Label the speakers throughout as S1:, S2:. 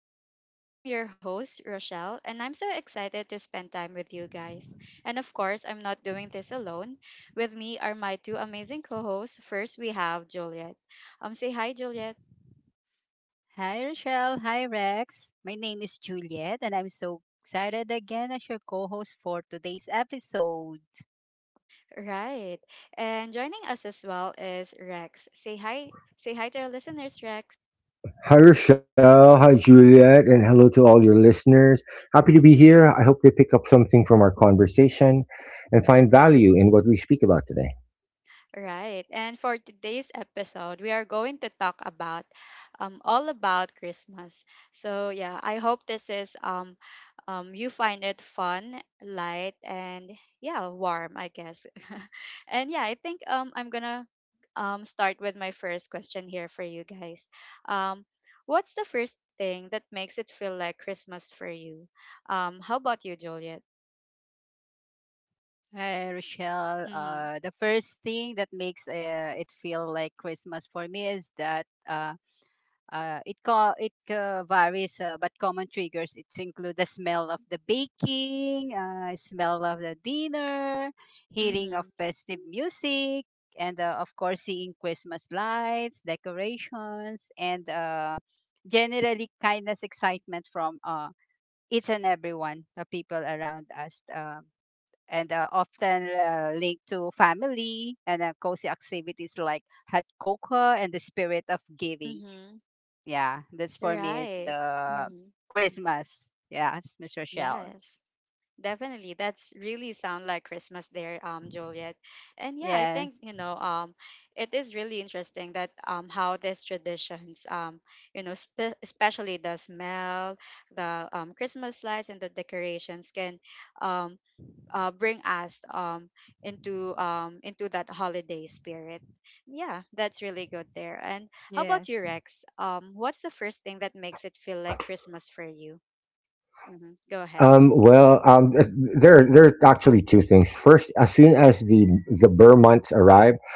S1: our talks. I'm your host, Rochelle, and I'm so excited to spend time with you guys. And of course, I'm not doing this alone. With me are my two amazing co-hosts. First, we have Juliet. Say hi, Juliet.
S2: Hi, Rochelle. Hi, Rex. My name is Juliet, and I'm so excited again as your co host for today's episode.
S1: Right. And joining us as well is Rex. Say hi. Say hi to our listeners, Rex.
S3: Hi, Rochelle. Hi, Juliet. And hello to all your listeners. Happy to be here. I hope they pick up something from our conversation and find value in what we speak about today.
S1: Right. And for today's episode, we are going to talk about all about Christmas. So yeah, I hope this is you find it fun, light, and yeah, warm, I guess. And yeah, I think I'm gonna start with my first question here for you guys. Um, what's the first thing that makes it feel like Christmas for you? How about you, Juliet?
S2: Hi, Rochelle.
S1: Mm-hmm.
S2: The first thing that makes it feel like Christmas for me is that it varies, but common triggers it include the smell of the baking, smell of the dinner, hearing of
S1: Mm-hmm.
S2: festive music, and of course seeing Christmas lights, decorations, and generally kindness, excitement from each and everyone, the people around us. And Often linked to family and cozy activities like hot cocoa and the spirit of giving.
S1: Mm-hmm.
S2: Yeah, that's for me. It's
S1: Right.
S2: the
S1: Mm-hmm.
S2: Christmas. Yes, Miss Rochelle.
S1: Yes. Definitely. That's really sound like Christmas there, Juliet. And yeah, I
S2: Yes,
S1: think, it is really interesting that how these traditions, especially the smell, the Christmas lights and the decorations can um bring us into that holiday spirit. Yeah, that's really good there. And how
S2: yes.
S1: about you, Rex? What's the first thing that makes it feel like Christmas for you? Mm-hmm. Go
S3: Um,
S1: ahead.
S3: well, um, uh, there are actually two things. First, as soon as the Burr months arrive,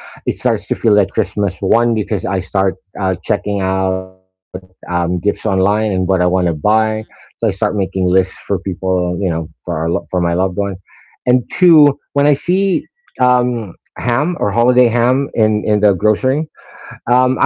S3: it starts to feel like Christmas. One, because I start checking out gifts online and what I want to buy,
S1: Mhm.
S3: so I start making lists for people, you know, for for my loved ones. And two, when I see ham or holiday ham in the grocery.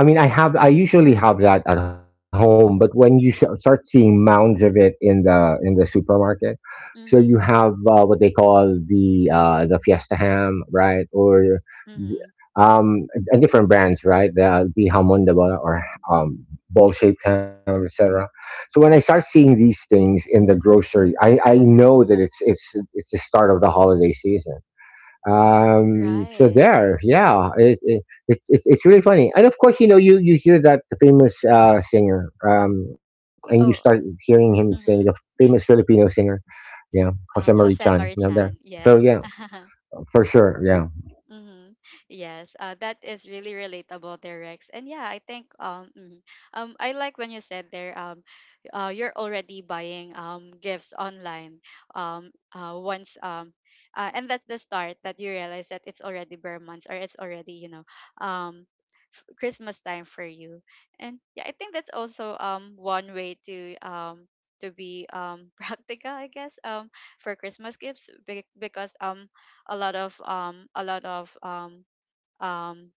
S3: I mean, I usually have that at home, but when you start seeing mounds of it in the supermarket, so you
S1: Mhm.
S3: have what they call the Fiesta ham, right, or the-
S1: Mhm.
S3: um, different brands, right, the jamon de bola or um, ball shaped ham, etc. So when I start seeing these things in the grocery, I know that it's the start of the holiday season. So
S1: Right.
S3: there, yeah, it, it's really funny. And of course, you know, you hear that the famous singer, and you start
S1: Oh.
S3: hearing him sing the
S1: Mhm.
S3: famous Filipino singer, yeah, Jose Marie
S1: Jose
S3: Chan, you know, there.
S1: Marichan.
S3: So
S1: Yes.
S3: yeah, for sure, yeah,
S1: Mm-hmm. Yes, that is really relatable there, Rex. And yeah, I think mhm. I like when you said there you're already buying gifts online once and that's the start that you realize that it's already bare months or it's already um Christmas time for you. And yeah, I think that's also one way to be practical, I guess, for Christmas gifts because a lot of um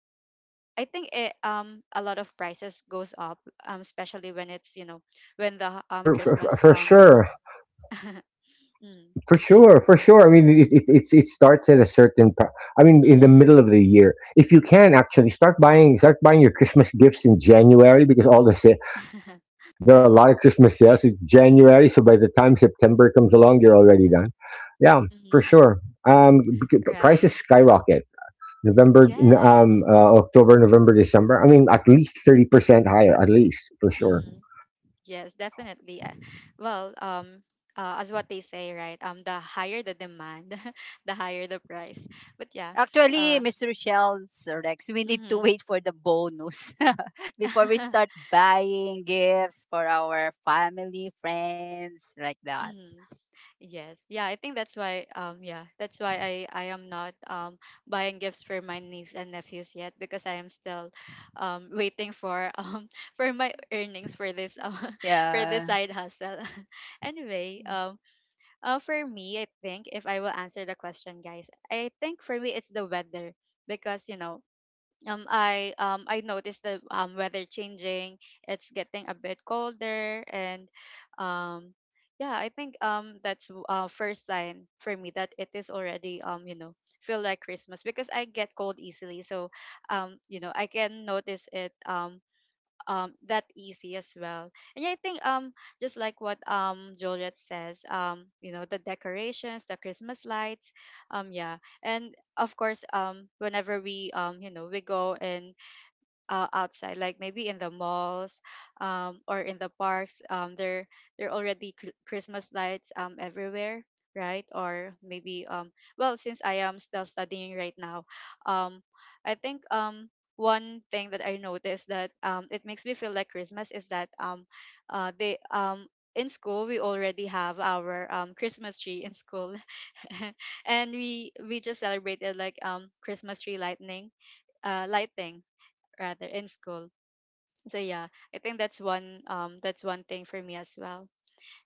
S1: I think it a lot of prices goes up, especially when it's you know when the
S3: right,
S1: Christmas
S3: for
S1: is
S3: sure.
S1: mm,
S3: For sure, for sure. I mean, it starts at a certain I mean, in the middle of the year. If you can, actually start buying your Christmas gifts in January, because
S1: mm-hmm.
S3: there are a lot of Christmas sales in January. So by the time September comes along, you're already done. Yeah, for
S1: mm-hmm.
S3: sure.
S1: Right.
S3: Prices skyrocket.
S1: Yes.
S3: October, November, December. I mean, at least 30% higher, at least
S1: mm-hmm.
S3: for sure.
S1: Yes, definitely. Well um as what they say, right? The higher the demand, the higher the price. But yeah.
S2: Actually,
S1: uh
S2: Miss Rochelle, Sir Rex, we need to
S1: mm-hmm.
S2: wait for the bonus before we start buying gifts for our family, friends, like that.
S1: Yes. Yeah, I think that's why, yeah, that's why I am not buying gifts for my niece and nephews yet, because I am still waiting for for my earnings for this for this
S2: Yeah.
S1: side hustle. Anyway, for me, I think if I will answer the question, guys, I think for me it's the weather, because I noticed the weather changing. It's getting a bit colder, and um yeah, I think first sign for me that it is already, feel like Christmas, because I get cold easily. So I can notice it that easy as well. And yeah, I think just like what Juliet says, the decorations, the Christmas lights, yeah. And of course, whenever we we go and outside, like maybe in the malls or in the parks, there are already Christmas lights everywhere, right? Or maybe, well, since I am still studying right now, um, I think one thing that I noticed that, it makes me feel like Christmas is that, they in school we already have our Christmas tree in school. And we just celebrated like Christmas tree lightning, lighting rather, in school. So yeah, I think that's one thing for me as well.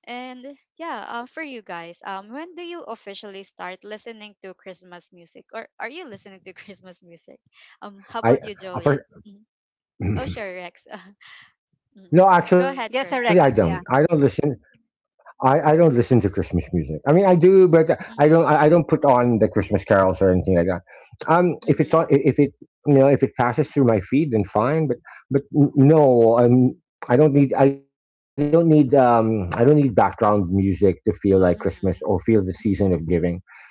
S1: And yeah, for you guys, when do you officially start listening to Christmas music, or are you listening to Christmas music? How about you,
S3: I
S1: Julian?
S3: uh,
S1: Mhm.
S3: first,
S1: Oh, sure, Rex. Mhm. Go
S3: no,
S1: ahead
S2: Yes, Sir
S3: actually,
S1: first.
S3: I
S2: Rex.
S3: don't.
S2: Yeah.
S3: I don't listen. I don't listen to Christmas music. I mean, I do, but I don't.
S1: Mm-hmm.
S3: I don't put on the Christmas carols or anything like that.
S1: Mm-hmm.
S3: If it's on, if it you know, if it passes through my feed, then fine. But no. I don't need. I don't need. I don't need background music to feel like
S1: Mm-hmm.
S3: Christmas or feel the season of giving.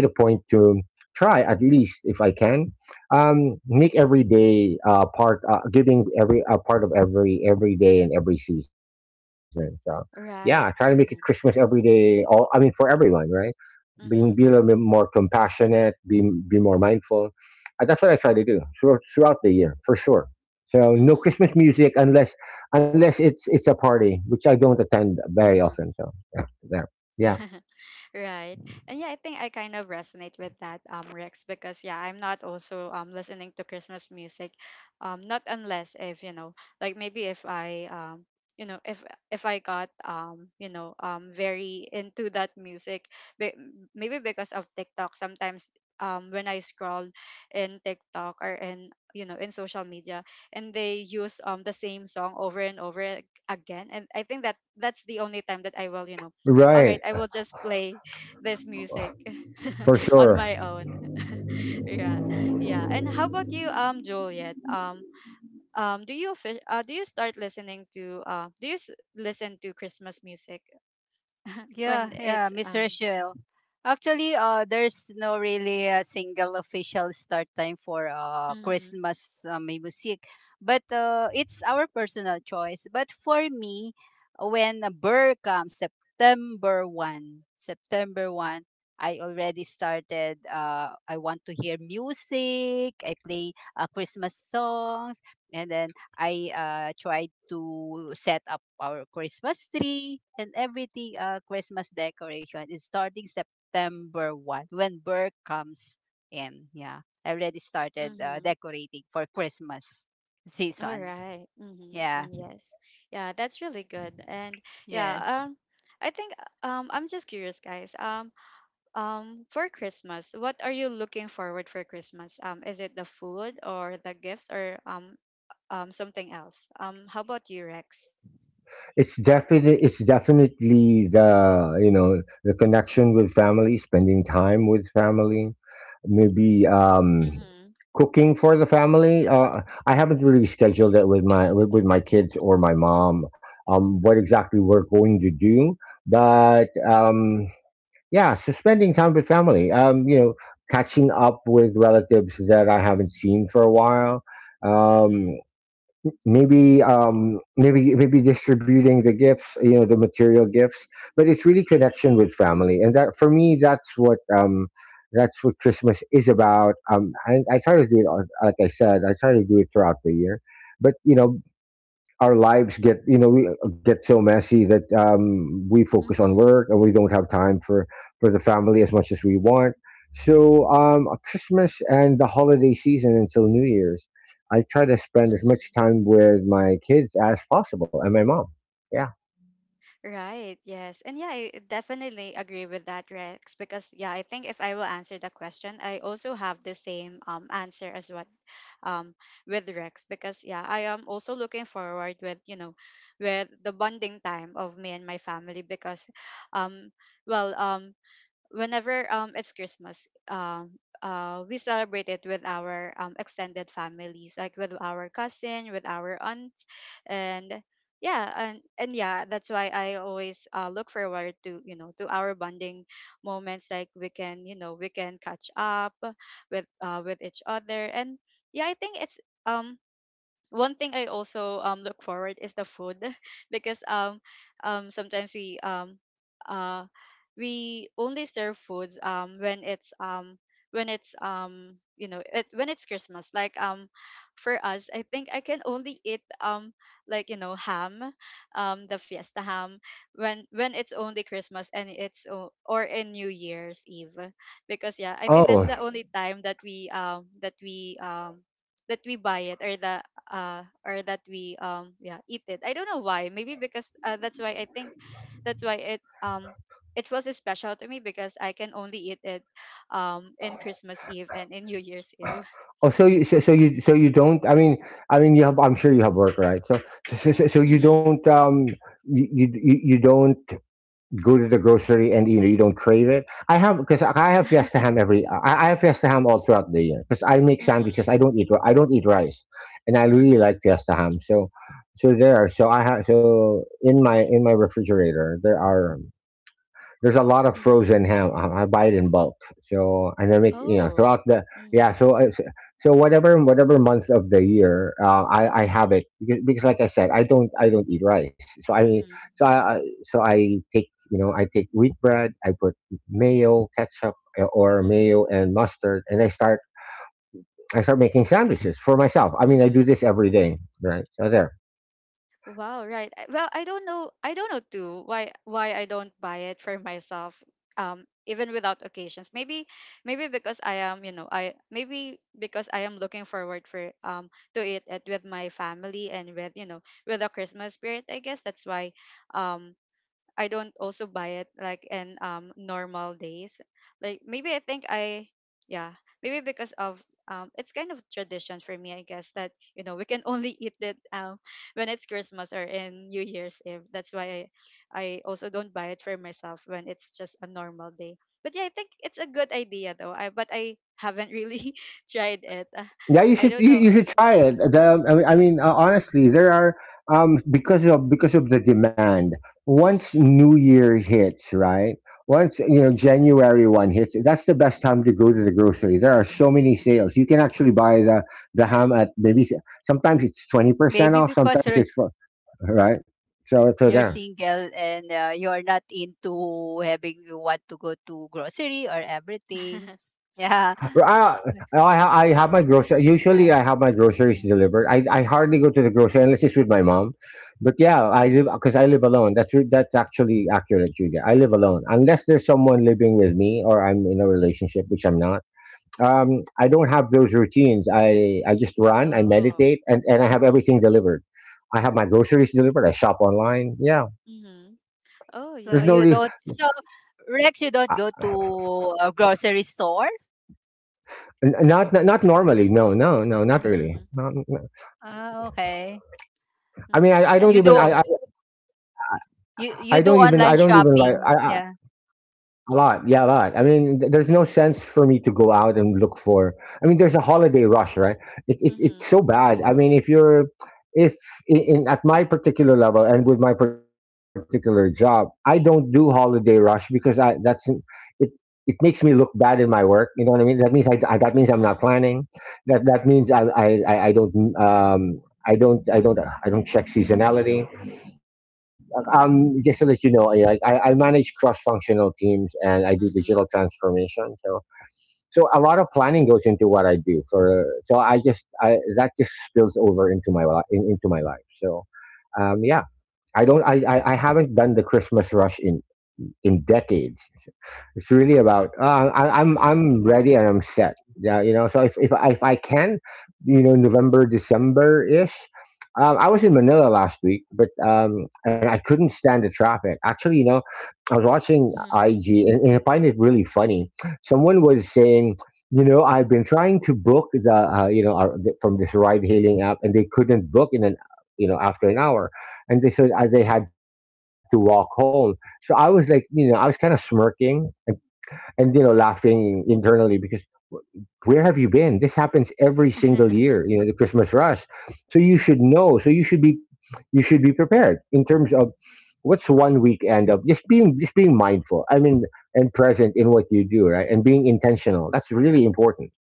S3: I make it a point to try, at least if I can, make every day part giving every part of every day and every season. So
S1: Right.
S3: yeah, try to make it
S1: Mm-hmm.
S3: Christmas every day. All I mean, for everyone, right?
S1: Mm-hmm.
S3: Being Be a little bit more compassionate, be more mindful. That's what I try to do throughout the year, for sure. So no Christmas music unless it's a party, which I don't attend very
S1: Mm-hmm.
S3: often. So yeah, there. Yeah,
S1: Hmm. Right. And yeah, I think I kind of resonate with that, Rex, because yeah, I'm not also listening to Christmas music. Not unless if, you know, like maybe if I you know if I got, very into that music, be- maybe because of TikTok sometimes, when I scroll in TikTok, or in, in social media, and they use the same song over and over, again, and I think that that's the only time that I will, you know, all right,
S3: right,
S1: I will just play this music
S3: for
S1: on
S3: sure.
S1: my own. Yeah, yeah. And how about you, Juliet? Do you start listening to, listen to Christmas music when
S2: Yeah, yeah,
S1: it's
S2: Miss
S1: um.
S2: Rochelle. Actually, there's no really a single official start time for
S1: Mm-hmm,
S2: Christmas may music, but it's our personal choice. But for me, when a bird comes September one, I already started. I want to hear music. I play Christmas songs, and then I tried to set up our Christmas tree and everything, Christmas decoration is starting September 1st when Burke comes in. Yeah, I already started
S1: mm-hmm.
S2: decorating for Christmas
S1: All
S2: season.
S1: right. Mm-hmm.
S2: Yeah,
S1: And yes. Yeah, that's really good. And yeah,
S2: yes.
S1: um I think, I'm just curious, guys. For Christmas, what are you looking forward for Christmas? Is it the food, or the gifts, or something else? How about you, Rex?
S3: It's definitely, the, you know, the connection with family, spending time with family, maybe
S1: Mhm.
S3: cooking for the family. I haven't really scheduled it with with my kids or my mom. What exactly we're going to do, but yeah, so spending time with family. You know, catching up with relatives that I haven't seen for a while. Um,
S1: Mhm.
S3: maybe distributing the gifts, you know, the material gifts. But it's really connection with family, and that for me, that's what Christmas is about. And I try to do it. Like I said, I try to do it throughout the year. But you know, our lives get, you know, we get so messy that, we focus on
S1: Mhm.
S3: work and we don't have time for the family as much as we want. So Christmas and the holiday season until New Year's, I try to spend as
S1: Mhm.
S3: much time with my kids as possible, and my mom. Yeah.
S1: Right. Yes. And yeah, I definitely agree with that, Rex, because yeah, I think if I will answer the question, I also have the same answer as what um with Rex, because yeah, I am also looking forward with, you know, with the bonding time of me and my family, because um well, whenever it's Christmas, we celebrate it with our extended families, like with our cousin, with our aunt, and yeah, and yeah, that's why I always look forward to, you know, to our bonding moments, like we can, you know, we can catch up with each other. And yeah, I think it's um one thing I also look forward is the food, because sometimes we, uh we only serve foods when it's when it's Christmas. Like, for us, I think I can only eat, like, you know, ham, the fiesta ham, when it's only Christmas, and it's or in New Year's Eve, because yeah, I think
S3: Oh.
S1: that's the only time that we buy it, or the or that we, yeah, eat it. I don't know why, maybe because, that's why I think that's why it was special to me, because I can only eat it in Christmas Eve and in New Year's Eve.
S3: Oh, so you, so you don't. I mean, you have. I'm sure you have work, right? So so you
S1: Mm-hmm.
S3: don't. You don't go to the grocery and, you know, you don't crave it. I have, because I have Fiesta ham every. I have Fiesta ham all throughout the year because I make sandwiches.
S1: Mm-hmm.
S3: I don't eat. I don't eat rice, and I really
S1: Mm-hmm.
S3: like Fiesta ham. So, so there. So I have. So in my refrigerator there are there's a lot of
S1: Mm-hmm.
S3: frozen ham. I buy it in bulk, so and I make, you know,
S1: Oh.
S3: throughout the, yeah.
S1: Mm-hmm.
S3: So whatever, whatever month of the year, I have it, because, like I said, I don't eat rice. So
S1: Mm-hmm.
S3: so I take, you know, I take wheat bread. I put mayo, ketchup, or
S1: Mm-hmm.
S3: mayo and mustard, and I start, making sandwiches for myself. I mean, I do
S1: Mm-hmm.
S3: this every day, right? So there.
S1: Wow, right. Well, I don't know. I don't know too why I don't buy it for myself, even without occasions. Maybe, maybe because I am, you know, I, maybe because I am looking forward for to eat it with my family, and with, you know, with the Christmas spirit. I guess that's why um I don't also buy it, like, in normal days. Like, maybe I think I, yeah, maybe because of, it's kind of tradition for me, I guess, that, you know, we can only eat it when it's Christmas or in New Year's Eve. That's why I also don't buy it for myself when it's just a normal day. But yeah, I think it's a good idea, though. I But I haven't really tried it.
S3: Yeah, you
S1: I
S3: should,
S1: don't know.
S3: you should try it. The I mean, I mean, honestly, there are because of, because of the demand. Once
S1: Mhm.
S3: New Year hits, right? Once, you know, January one hits, that's the best time to go to the grocery. There are so many sales. You can actually buy the ham
S1: Mhm.
S3: at maybe, sometimes it's twenty
S2: Maybe
S3: percent off,
S2: because
S3: sometimes it's
S2: Rochelle,
S3: right. So so
S2: you're
S3: there.
S1: Mhm.
S2: single and you're not into having you want to go to grocery or everything. Yeah.
S3: I, I have my grocery. Usually, I have my groceries
S2: Yeah.
S3: delivered. I hardly go to the grocery unless it's with my mom. But yeah, I live,
S1: Mhm.
S3: because I live alone. That's, that's actually accurate, Julia. I live alone unless there's someone living with me or I'm in a relationship, which I'm not. I don't have those routines. I just run. I
S1: Oh.
S3: meditate, and I have
S1: Mhm.
S3: everything delivered. I have my groceries delivered. I shop online. Yeah,
S1: Mhm. Oh,
S2: So
S3: there's no
S2: you
S1: yes.
S3: re-
S2: don't so Rex, you don't
S3: uh,
S2: go to a grocery store?
S3: n- not, not not normally. No, no, no, not really.
S1: Mhm,
S3: Not,
S2: Oh, okay.
S3: I
S1: mm.
S3: mean, I don't
S1: And
S2: You
S3: even.
S2: do you
S3: I
S2: you
S3: don't
S2: do
S3: even like
S2: online
S3: I
S2: shopping. Yeah.
S3: a lot. Yeah, a lot. I mean, there's no sense for me to go out and look for. I mean, there's a holiday rush, right? It it's so
S1: mhm,
S3: bad. I mean, if you're if in, in at my particular level and with my particular job, I don't do holiday rush because I that's it. It makes me look bad in my work. You know what I mean? That means, I, that means
S1: mhm,
S3: I'm not planning. That means I don't um, I don't I don't I don't check seasonality. Just to let you know, I manage cross-functional teams and I do
S1: mhm,
S3: digital transformation. So, so a lot of planning goes into what I do. For so I just I That just spills over into my into my life. So, yeah, I don't, I, I haven't done the Christmas rush in decades. It's really about, I'm
S1: mhm,
S3: I'm ready and I'm set. Yeah, you know. So if if I can, you know, November December ish. I was in Manila last week, but and I couldn't stand the traffic. Actually, you know, I was watching
S1: mhm,
S3: IG, and I find it really funny. Someone was saying, you know, I've been trying to book the, you know, our, the, from this ride-hailing app, and they couldn't book in an, you know, after an hour, and they said they had to walk home. So I was like, you know, I was kind of smirking, and, you know, laughing internally because, where have you been? This happens every single year, you know, the Christmas rush. So you should know. So you should be, prepared in terms of what's one weekend of just being, mindful. I mean, and present in what you do, right? And being intentional. That's really important.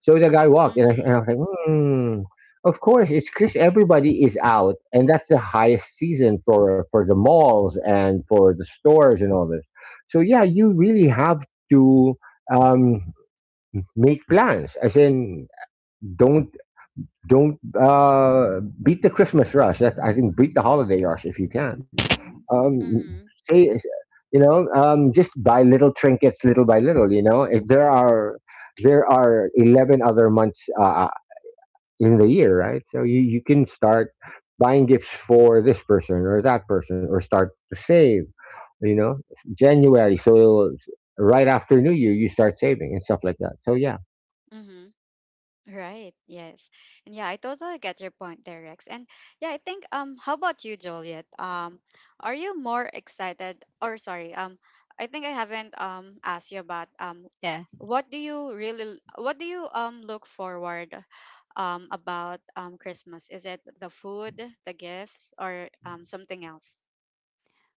S3: So the guy walked and
S1: mhm,
S3: I was like, hmm, of course it's Chris, everybody is out and that's the highest season for the malls and for the stores and all this. So yeah, you really have to, um, make plans. As in, don't don't, beat the Christmas rush. That I think, beat the holiday rush if you can, um,
S1: mhm,
S3: say, you know, um, just buy little trinkets little by little. You know, if there are, 11 other months in the year, right? So you can start buying gifts for this person or that person, or start to save, you know, January, so right after New Year you start saving and stuff like that. So yeah.
S1: mhm. Right. Yes. And yeah, I totally get your point there, Rex. And yeah, I think, how about you, Joliet? Are you more excited, or sorry, I think I haven't asked you about
S2: Yeah.
S1: what do you look forward about Christmas? Is it the food, the gifts, or something else?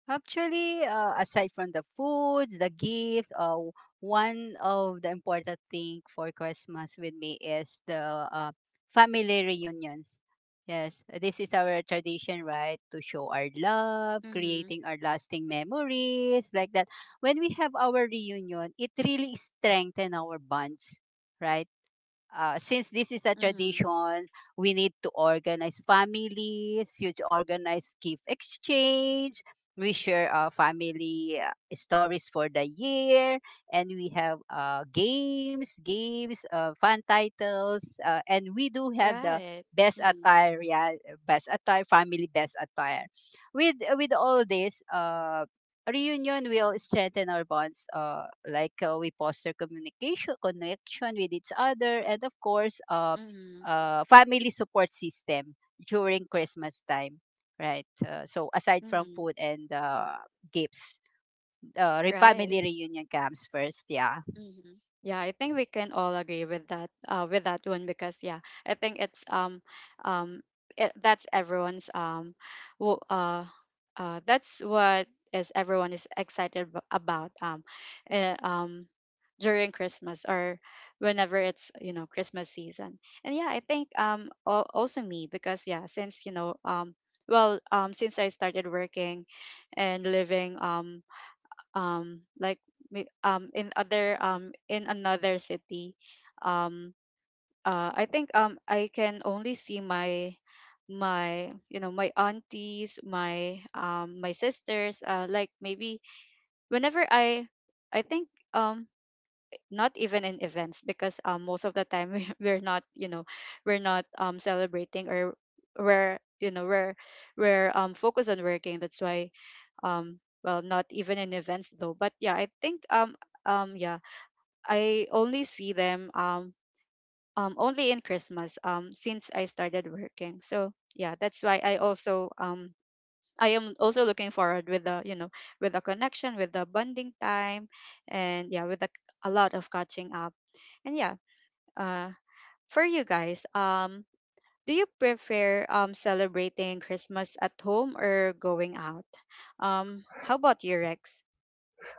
S2: Actually, aside from the food, the gift, one of the important thing for Christmas with me is the family reunions. Yes, this is our tradition, right? To show our love,
S1: Mhm.
S2: creating our lasting memories, like that. When we have our reunion, it really strengthens our bonds, right? Since this is a
S1: Mhm.
S2: tradition, we need to organize families, you to organize gift exchange. We share our family stories for the year, and we have fun titles, and we do have the
S1: Right.
S2: best
S1: Mhm.
S2: attire, yeah, best attire, family best attire. With all this, reunion will strengthen our bonds like we foster communication connection with each other and of course
S1: Mhm.
S2: family support system during Christmas time, right. So aside from
S1: Mhm.
S2: food and gifts, family
S1: Right.
S2: reunion comes first. Yeah.
S1: Mhm. Yeah, I think we can all agree with that, with that one, because yeah, I think it's um that's everyone's, w- uh that's what is everyone is excited about, uh, um during Christmas, or whenever it's, you know, Christmas season. And yeah, I think also me because yeah, since since I started working and living like in other in another city. um I think I can only see my, my aunties, my my sisters, like maybe whenever I think um not even in events because most of the time we, we're not, we're not celebrating, or we're we're focused on working. That's why, well, not even in events though, but yeah, I think yeah, I only see them only in Christmas since I started working. So yeah, that's why I also I am also looking forward with the, with the connection, with the bonding time, and yeah, with the, a lot of catching up, and yeah, uh for you guys, do you prefer celebrating Christmas at home or going out? How about you, Rex?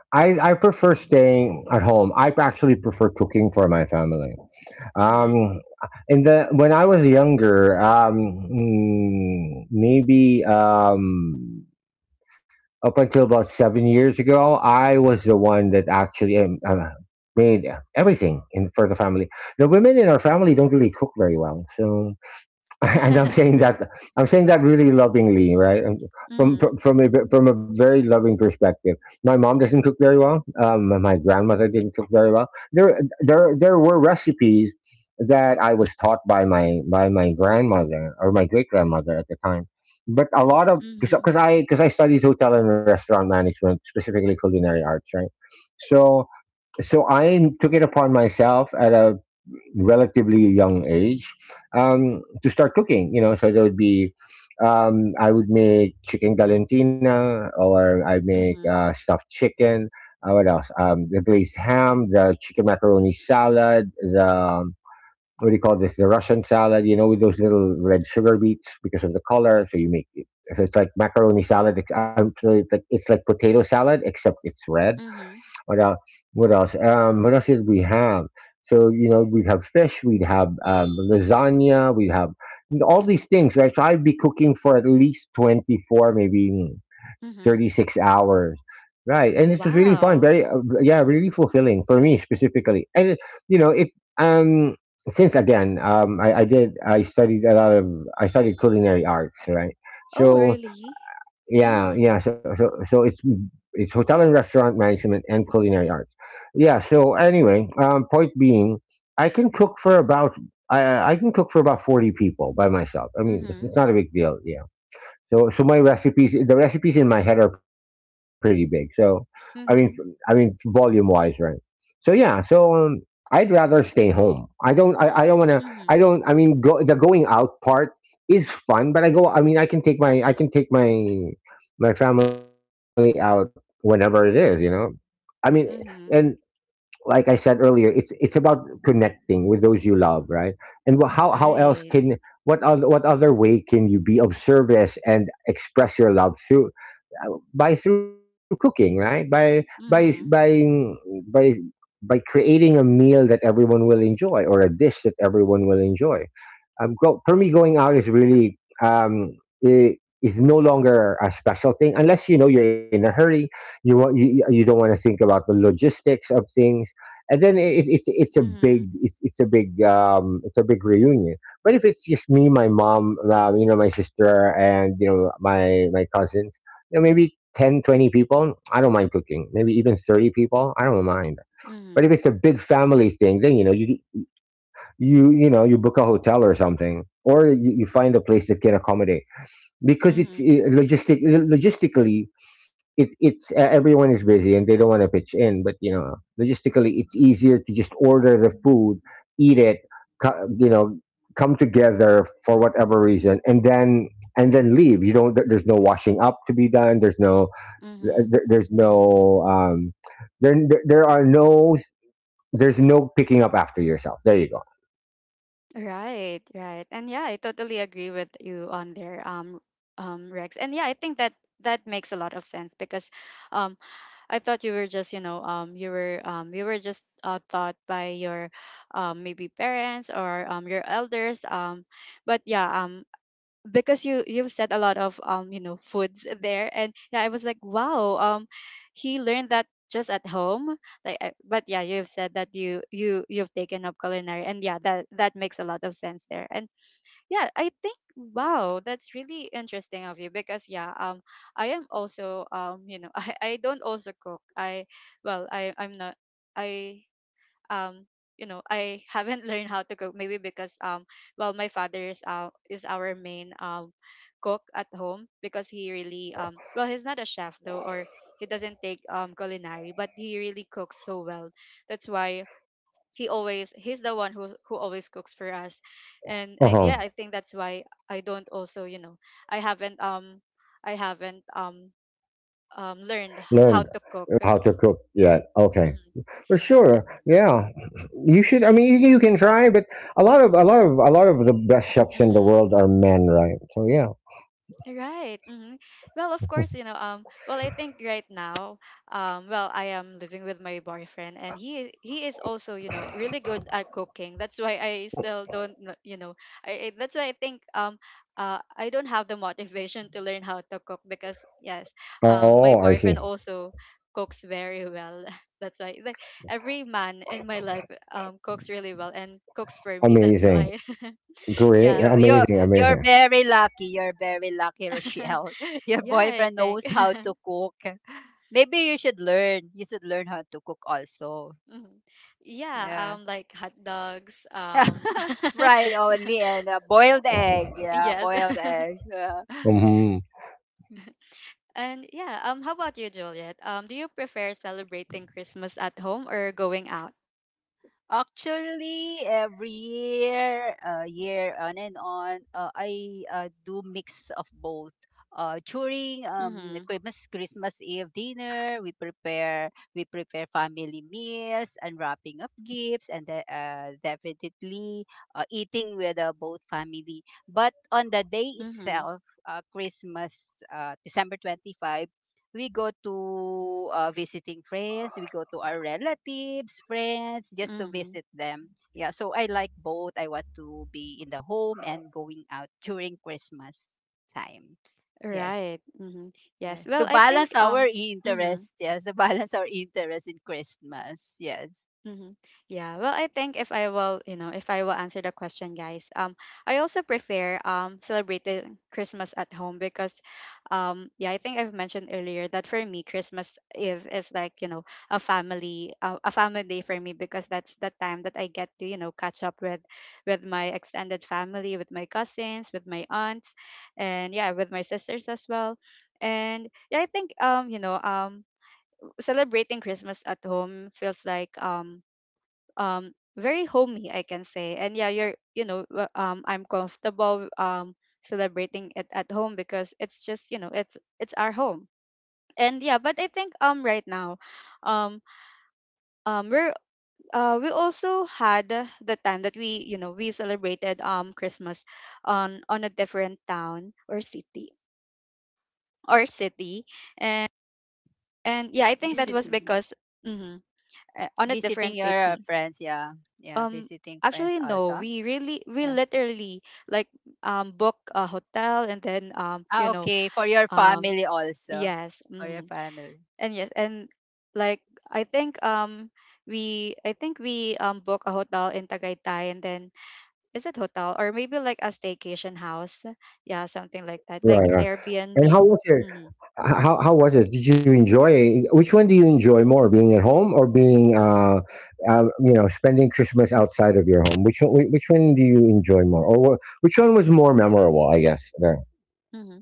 S3: I prefer staying at home. I actually prefer cooking for my family.
S1: Mm-hmm.
S3: Um, in the When I was younger, maybe up until about 7 years ago, I was the one that actually made everything in for the family. The women in our family don't really cook very well, so and I'm saying that really lovingly, right? Um, From
S1: Mm-hmm.
S3: from from a ve- from a very loving perspective. My mom doesn't cook very well. My grandmother didn't cook very well. There were recipes that I was taught by my grandmother or my great grandmother at the time. But a lot of
S1: Mm-hmm.
S3: because I studied hotel and restaurant management, specifically culinary arts, right? So so I took it upon myself at a relatively young age to start cooking. You know, so there would be I would make chicken galantina, or I make
S1: Mm-hmm.
S3: stuffed chicken. What else? The glazed ham, the chicken macaroni salad, the what do you call this? The Russian salad, with those little red sugar beets because of the color. So you make it. So it's like macaroni salad. I'm sorry, it's like potato salad except it's red.
S1: Mm-hmm.
S3: what else? What else? What else did we have? So we'd have fish, we'd have lasagna, we'd have all these things, right? So I'd be cooking for at least 24, maybe thirty
S1: Mm-hmm.
S3: six hours, right? And it was really fun,
S1: Wow.
S3: very yeah, really fulfilling for me specifically. And it, you know, it um since again, I studied a lot of I studied culinary arts, right?
S1: Oh,
S3: So
S1: really?
S3: yeah, yeah.
S1: Mm.
S3: So it's hotel and restaurant management and culinary arts. Yeah. So anyway, point being, I can cook for about I can cook for about 40 people by myself. I mean, it's,
S1: Mm-hmm.
S3: it's not a big deal. Yeah. So my recipes, the recipes in my head are pretty big. So I mean, I mean
S1: Mm-hmm.
S3: volume wise, right? So yeah, so I'd rather stay home. I don't want to, I
S1: Mm-hmm.
S3: don't, I mean, the going out part is fun, but I mean, I can take my, I can take my, my family out whenever it, is, you know. I mean, and
S1: Mm-hmm.
S3: like I said earlier, it's about connecting with those you love, right? And wh- how
S1: Right.
S3: else can what other way can you be of service and express your love uh, through cooking, right?
S1: Mm-hmm.
S3: By by creating a meal that everyone will enjoy or a dish that everyone will enjoy. For me, going out is really it is no longer a special thing unless you know you're in a hurry. You don't want to think about the logistics of things, and then
S1: Mm-hmm.
S3: it's a big reunion. But if it's just me, my mom, my sister, and my cousins, maybe 10, 20 people, I don't mind cooking. Maybe even 30 people, I don't mind. But
S1: Mm-hmm.
S3: if it's a big family thing, then you book a hotel or something, or you find a place that can accommodate because
S1: Mm-hmm.
S3: it's logistically it it's everyone is busy and they don't want to pitch in, but logistically it's easier to just order the food, eat it, co- you know come together for whatever reason, and then leave. You don't there- there's no washing up to be done.
S1: Mm-hmm.
S3: There, there's no um there there are no there's no picking up after yourself. There you go.
S1: Right, right. And yeah, I totally agree with you on there, Rex. And yeah, I think that that makes a lot of sense because um I thought you were just, you were you were just, taught by your maybe parents or your elders. But yeah, because you, you've said a lot of foods there, and yeah, I was like wow, he learned that just at home, like I- but yeah, you've said that you, you've taken up culinary, and yeah, that that makes a lot of sense there. And yeah, I think wow, that's really interesting of you because yeah, I am also I don't also cook. I Well, I'm not. I um you know, I haven't learned how to cook maybe because well, my father is, is our main cook at home because he really
S3: Right.
S1: well, he's not a chef though, or he doesn't take culinary, but he really cooks so well. That's why he always, he's the one who always cooks for us. Yeah,
S3: Uh-huh.
S1: I think that's why I don't also, I haven't i haven't um learned how
S3: Learned
S1: to cook.
S3: how to cook, yeah, okay.
S1: Mm-hmm.
S3: For sure, yeah. You should. I mean, you can try, but a lot of a lot of a lot of the best chefs in the
S1: Mm-hmm.
S3: world are men, right? So yeah.
S1: Right. Hmm. Well, of course, well, I think right now, well, I am living with my boyfriend and he is also, you know, really good at cooking. That's why I still don't, kn- I that's why I think I don't have the motivation to learn how to cook because yes, my
S3: Oh, I
S1: boyfriend
S3: see.
S1: also cooks very well. That's why, like, every man in my life cooks really well and cooks for me. That's
S3: Amazing,
S1: why.
S3: great,
S1: Yeah.
S2: You're you're
S3: amazing,
S2: you're
S3: amazing.
S2: very lucky. You're very lucky, Rochelle. Your
S1: Yeah, I
S2: boyfriend
S1: think.
S2: knows how to cook. Maybe you should learn. You should learn how to cook also.
S1: Mhm. Yeah,
S2: Yeah.
S1: like hot dogs.
S2: Fried only and a boiled egg. Yeah,
S1: Yes,
S2: boiled eggs. Yeah.
S3: Hmm.
S1: and yeah. How about you, Juliet? Do you prefer celebrating Christmas at home or going out?
S2: Actually, every year, year on and on, I do mix of both. During
S1: Mm-hmm.
S2: the Christmas Eve dinner, we prepare family meals, unwrapping of gifts, and definitely eating with both family. But on the day
S1: Mm-hmm.
S2: itself, Christmas, December 25th, we go to visiting friends, we go to our relatives friends just to
S1: Mm-hmm.
S2: visit them. Yeah, so I like both. I want to be in the home and going out during Christmas time. Yes,
S1: Right. Mm-hmm. Yes.
S2: yes, to
S1: Well, I
S2: balance
S1: think
S2: our
S1: um. Mm-hmm.
S2: interest, yes, to balance our interest in Christmas. Yes,
S1: Mm-hmm. Yeah, well, I think if I will, you know, if I will answer the question, guys, I also prefer celebrating Christmas at home because, yeah, I think I've mentioned earlier that for me, Christmas Eve is like, you know, a family day for me because that's the time that I get to, you know, catch up with my extended family, with my cousins, with my aunts, and yeah, with my sisters as well, and yeah, I think, you know, celebrating Christmas at home feels like very homey, I can say. And yeah, you're, I'm comfortable celebrating it at home because it's just, you know, it's our home. And yeah, but I think right now um we're, we also had the time that we, you know, we celebrated Christmas on a different town or city, or city. and and yeah, I think that was
S2: visiting
S1: because mhm, on a
S2: visiting
S1: different
S2: your
S1: city.
S2: friends, yeah, yeah,
S1: Um,
S2: visiting
S1: actually,
S2: friends
S1: no.
S2: also,
S1: We really, we
S2: yeah.
S1: literally like, book a hotel and then,
S2: Ah, okay, for your
S1: um
S2: family also,
S1: yes,
S2: for your
S1: hmm.
S2: family.
S1: And yes, and like, I think we I think we book a hotel in Tagaytay, and then is it hotel or maybe like a staycation house? Yeah, something like that, like
S3: Right, right.
S1: Airbnb.
S3: And how was it?
S1: Mm-hmm.
S3: How was it? Did you enjoy it? Which one do you enjoy more, being at home or being, spending Christmas outside of your home? Which one do you enjoy more, or which one was more memorable? I guess.
S1: Mm-hmm.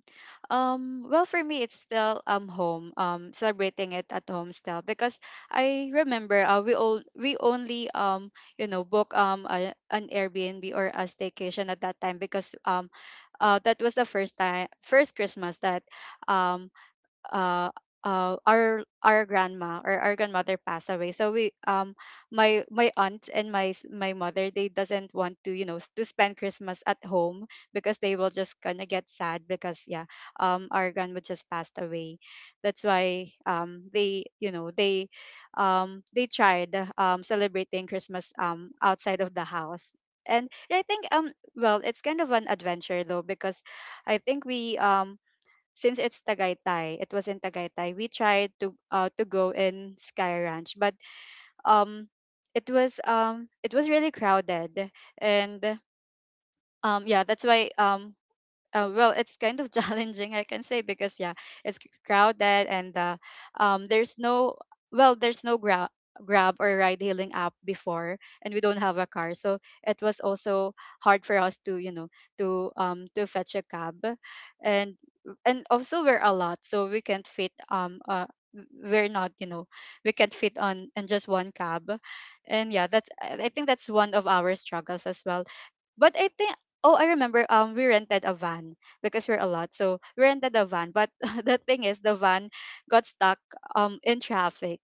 S1: Well, for me, it's still home. Celebrating it at home still because I remember, we all, we only you know, book a, an Airbnb or a staycation at that time because that was the first time, first Christmas that um uh, our grandma or our grandmother passed away. So we, my, my aunt and my s- my mother, they doesn't want to, you know, s- to spend Christmas at home because they will just gonna get sad because yeah, our grandma just passed away. That's why, they, you know, they tried celebrating Christmas outside of the house. And I think well, it's kind of an adventure though because I think we, since it's Tagaytay, it was in Tagaytay, we tried to, to go in Sky Ranch, but um it was, it was really crowded. And yeah, that's why, well, it's kind of challenging, I can say, because yeah, it's c- crowded, and there's no, well, there's no grab, grab, or ride hailing app before, and we don't have a car, so it was also hard for us to, you know, to fetch a cab. and and also, we're a lot, so we can't fit, we're not, you know, we can't fit on in just one cab. And yeah, that's, I think that's one of our struggles as well. But I think, oh, I remember we rented a van because we're a lot. So we rented a van. But the thing is, the van got stuck in traffic.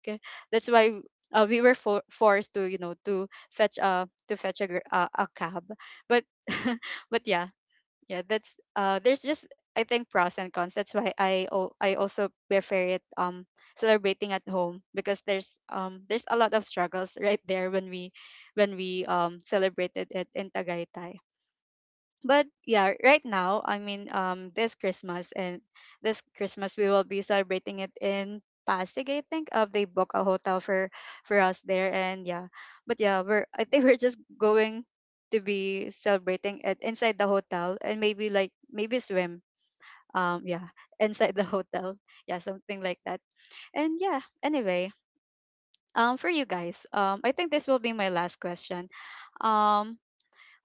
S1: That's why, we were for- forced to, you know, to fetch a, to fetch a gr- a cab. But but yeah, yeah, that's, there's just, I think, pros and cons. That's why I, oh, I also prefer it, celebrating at home because there's a lot of struggles right there when we, when we celebrated it in Tagaytay. But yeah, right now, I mean, this Christmas, and this Christmas, we will be celebrating it in Pasig, I think. They book a hotel for us there. And yeah, but yeah, we're, I think we're just going to be celebrating it inside the hotel and maybe, like, maybe swim, yeah, inside the hotel. Yeah, something like that. And yeah, anyway, for you guys, I think this will be my last question. um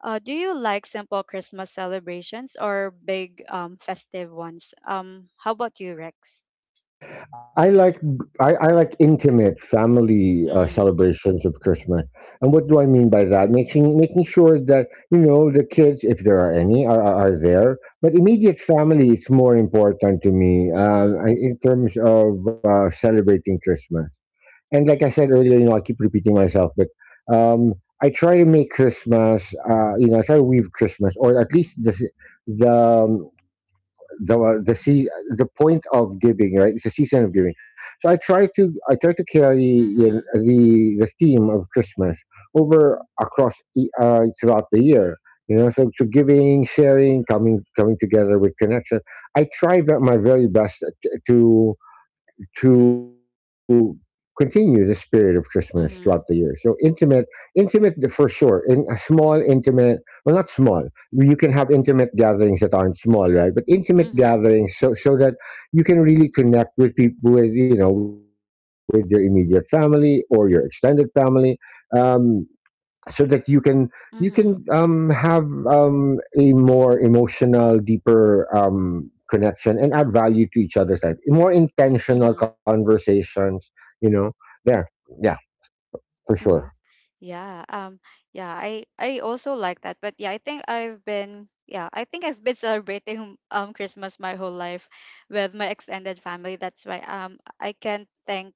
S1: do you like simple Christmas celebrations or big festive ones? How about you, Rex?
S3: I like I like intimate family
S1: Mm-hmm.
S3: celebrations of Christmas. And what do I mean by that? Making sure that the kids, if there are any, are there. But immediate family is more important to me
S1: Mm-hmm.
S3: in terms of celebrating Christmas. And like I said earlier, I keep repeating myself, but um, I try to make Christmas. I try to weave Christmas, or at least the um, the sea the point of giving, right? It's a season of giving. So I try to carry
S1: Mm-hmm.
S3: the theme of Christmas over throughout the year. So, to giving, sharing, coming together with connection. I try my very best to to continue the spirit of Christmas throughout the year. So
S1: Mm-hmm.
S3: intimate, intimate for sure. In a small, intimate, well, not small. You can have intimate gatherings that aren't small, right? But intimate
S1: Mm-hmm.
S3: gatherings, so that you can really connect with people, with with your immediate family or your extended family. Um, so that you can
S1: Mm-hmm.
S3: have a more emotional, deeper connection and add value to each other's life. More intentional
S1: Mm-hmm.
S3: conversations, you know. There, yeah, for sure.
S1: Mm-hmm. Yeah. Yeah. I. I also like that. But yeah, I think I've been. Yeah, I think I've been celebrating Christmas my whole life with my extended family. That's why I can't thank,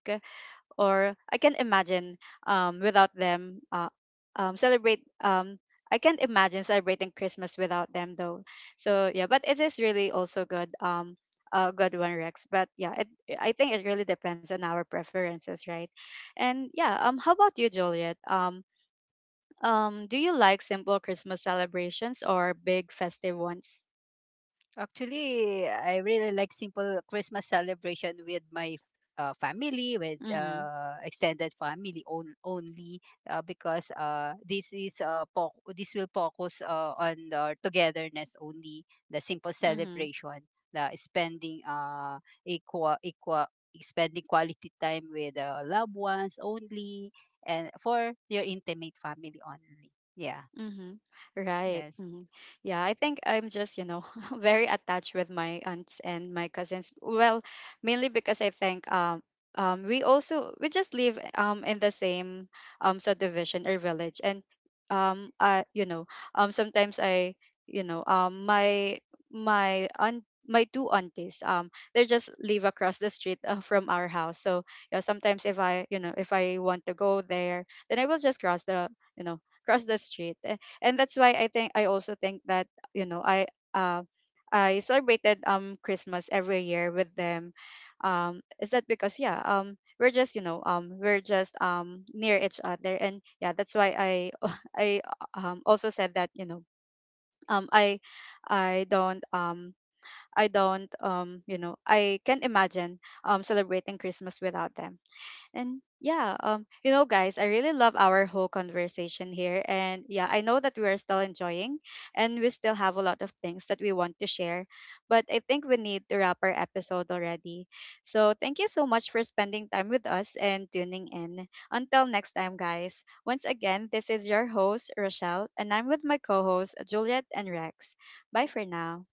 S1: or I can't imagine without them, celebrate. I can't imagine celebrating Christmas without them though. So yeah, but it is really also good. A good one, Rex. But yeah, it, I think it really depends on our preferences, right? And yeah, how about you, Juliet? Do you like simple Christmas celebrations or big festive ones?
S2: Actually, I really like simple Christmas celebration with my family, with
S1: Mm-hmm.
S2: extended family on, only, because this is this will focus on the togetherness only, the simple
S1: Mm-hmm.
S2: celebration, the spending equal spending quality time with loved ones only, and for your intimate family only. Yeah.
S1: Mm-hmm. Right.
S2: Yes.
S1: Hmm. Yeah, I think I'm just, you know, very attached with my aunts and my cousins. Well, mainly because I think we also, we just live in the same subdivision or village. And I, you know, sometimes I, you know, my, my aunt, my two aunties, they just live across the street, from our house. So yeah, sometimes if I, you know, if I want to go there, then I will just cross the, you know, cross the street. Eh, and that's why I think I also think that, you know, I, uh, I celebrated Christmas every year with them. Is that because yeah, we're just, you know, we're just near each other. And yeah, that's why I I also said that, you know, um I I don't, I don't, you know, I can imagine celebrating Christmas without them. And yeah, you know, guys, I really love our whole conversation here. And yeah, I know that we are still enjoying and we still have a lot of things that we want to share. But I think we need to wrap our episode already. So thank you so much for spending time with us and tuning in. Until next time, guys. Once again, this is your host, Rochelle, and I'm with my co hosts, Juliet and Rex. Bye for now.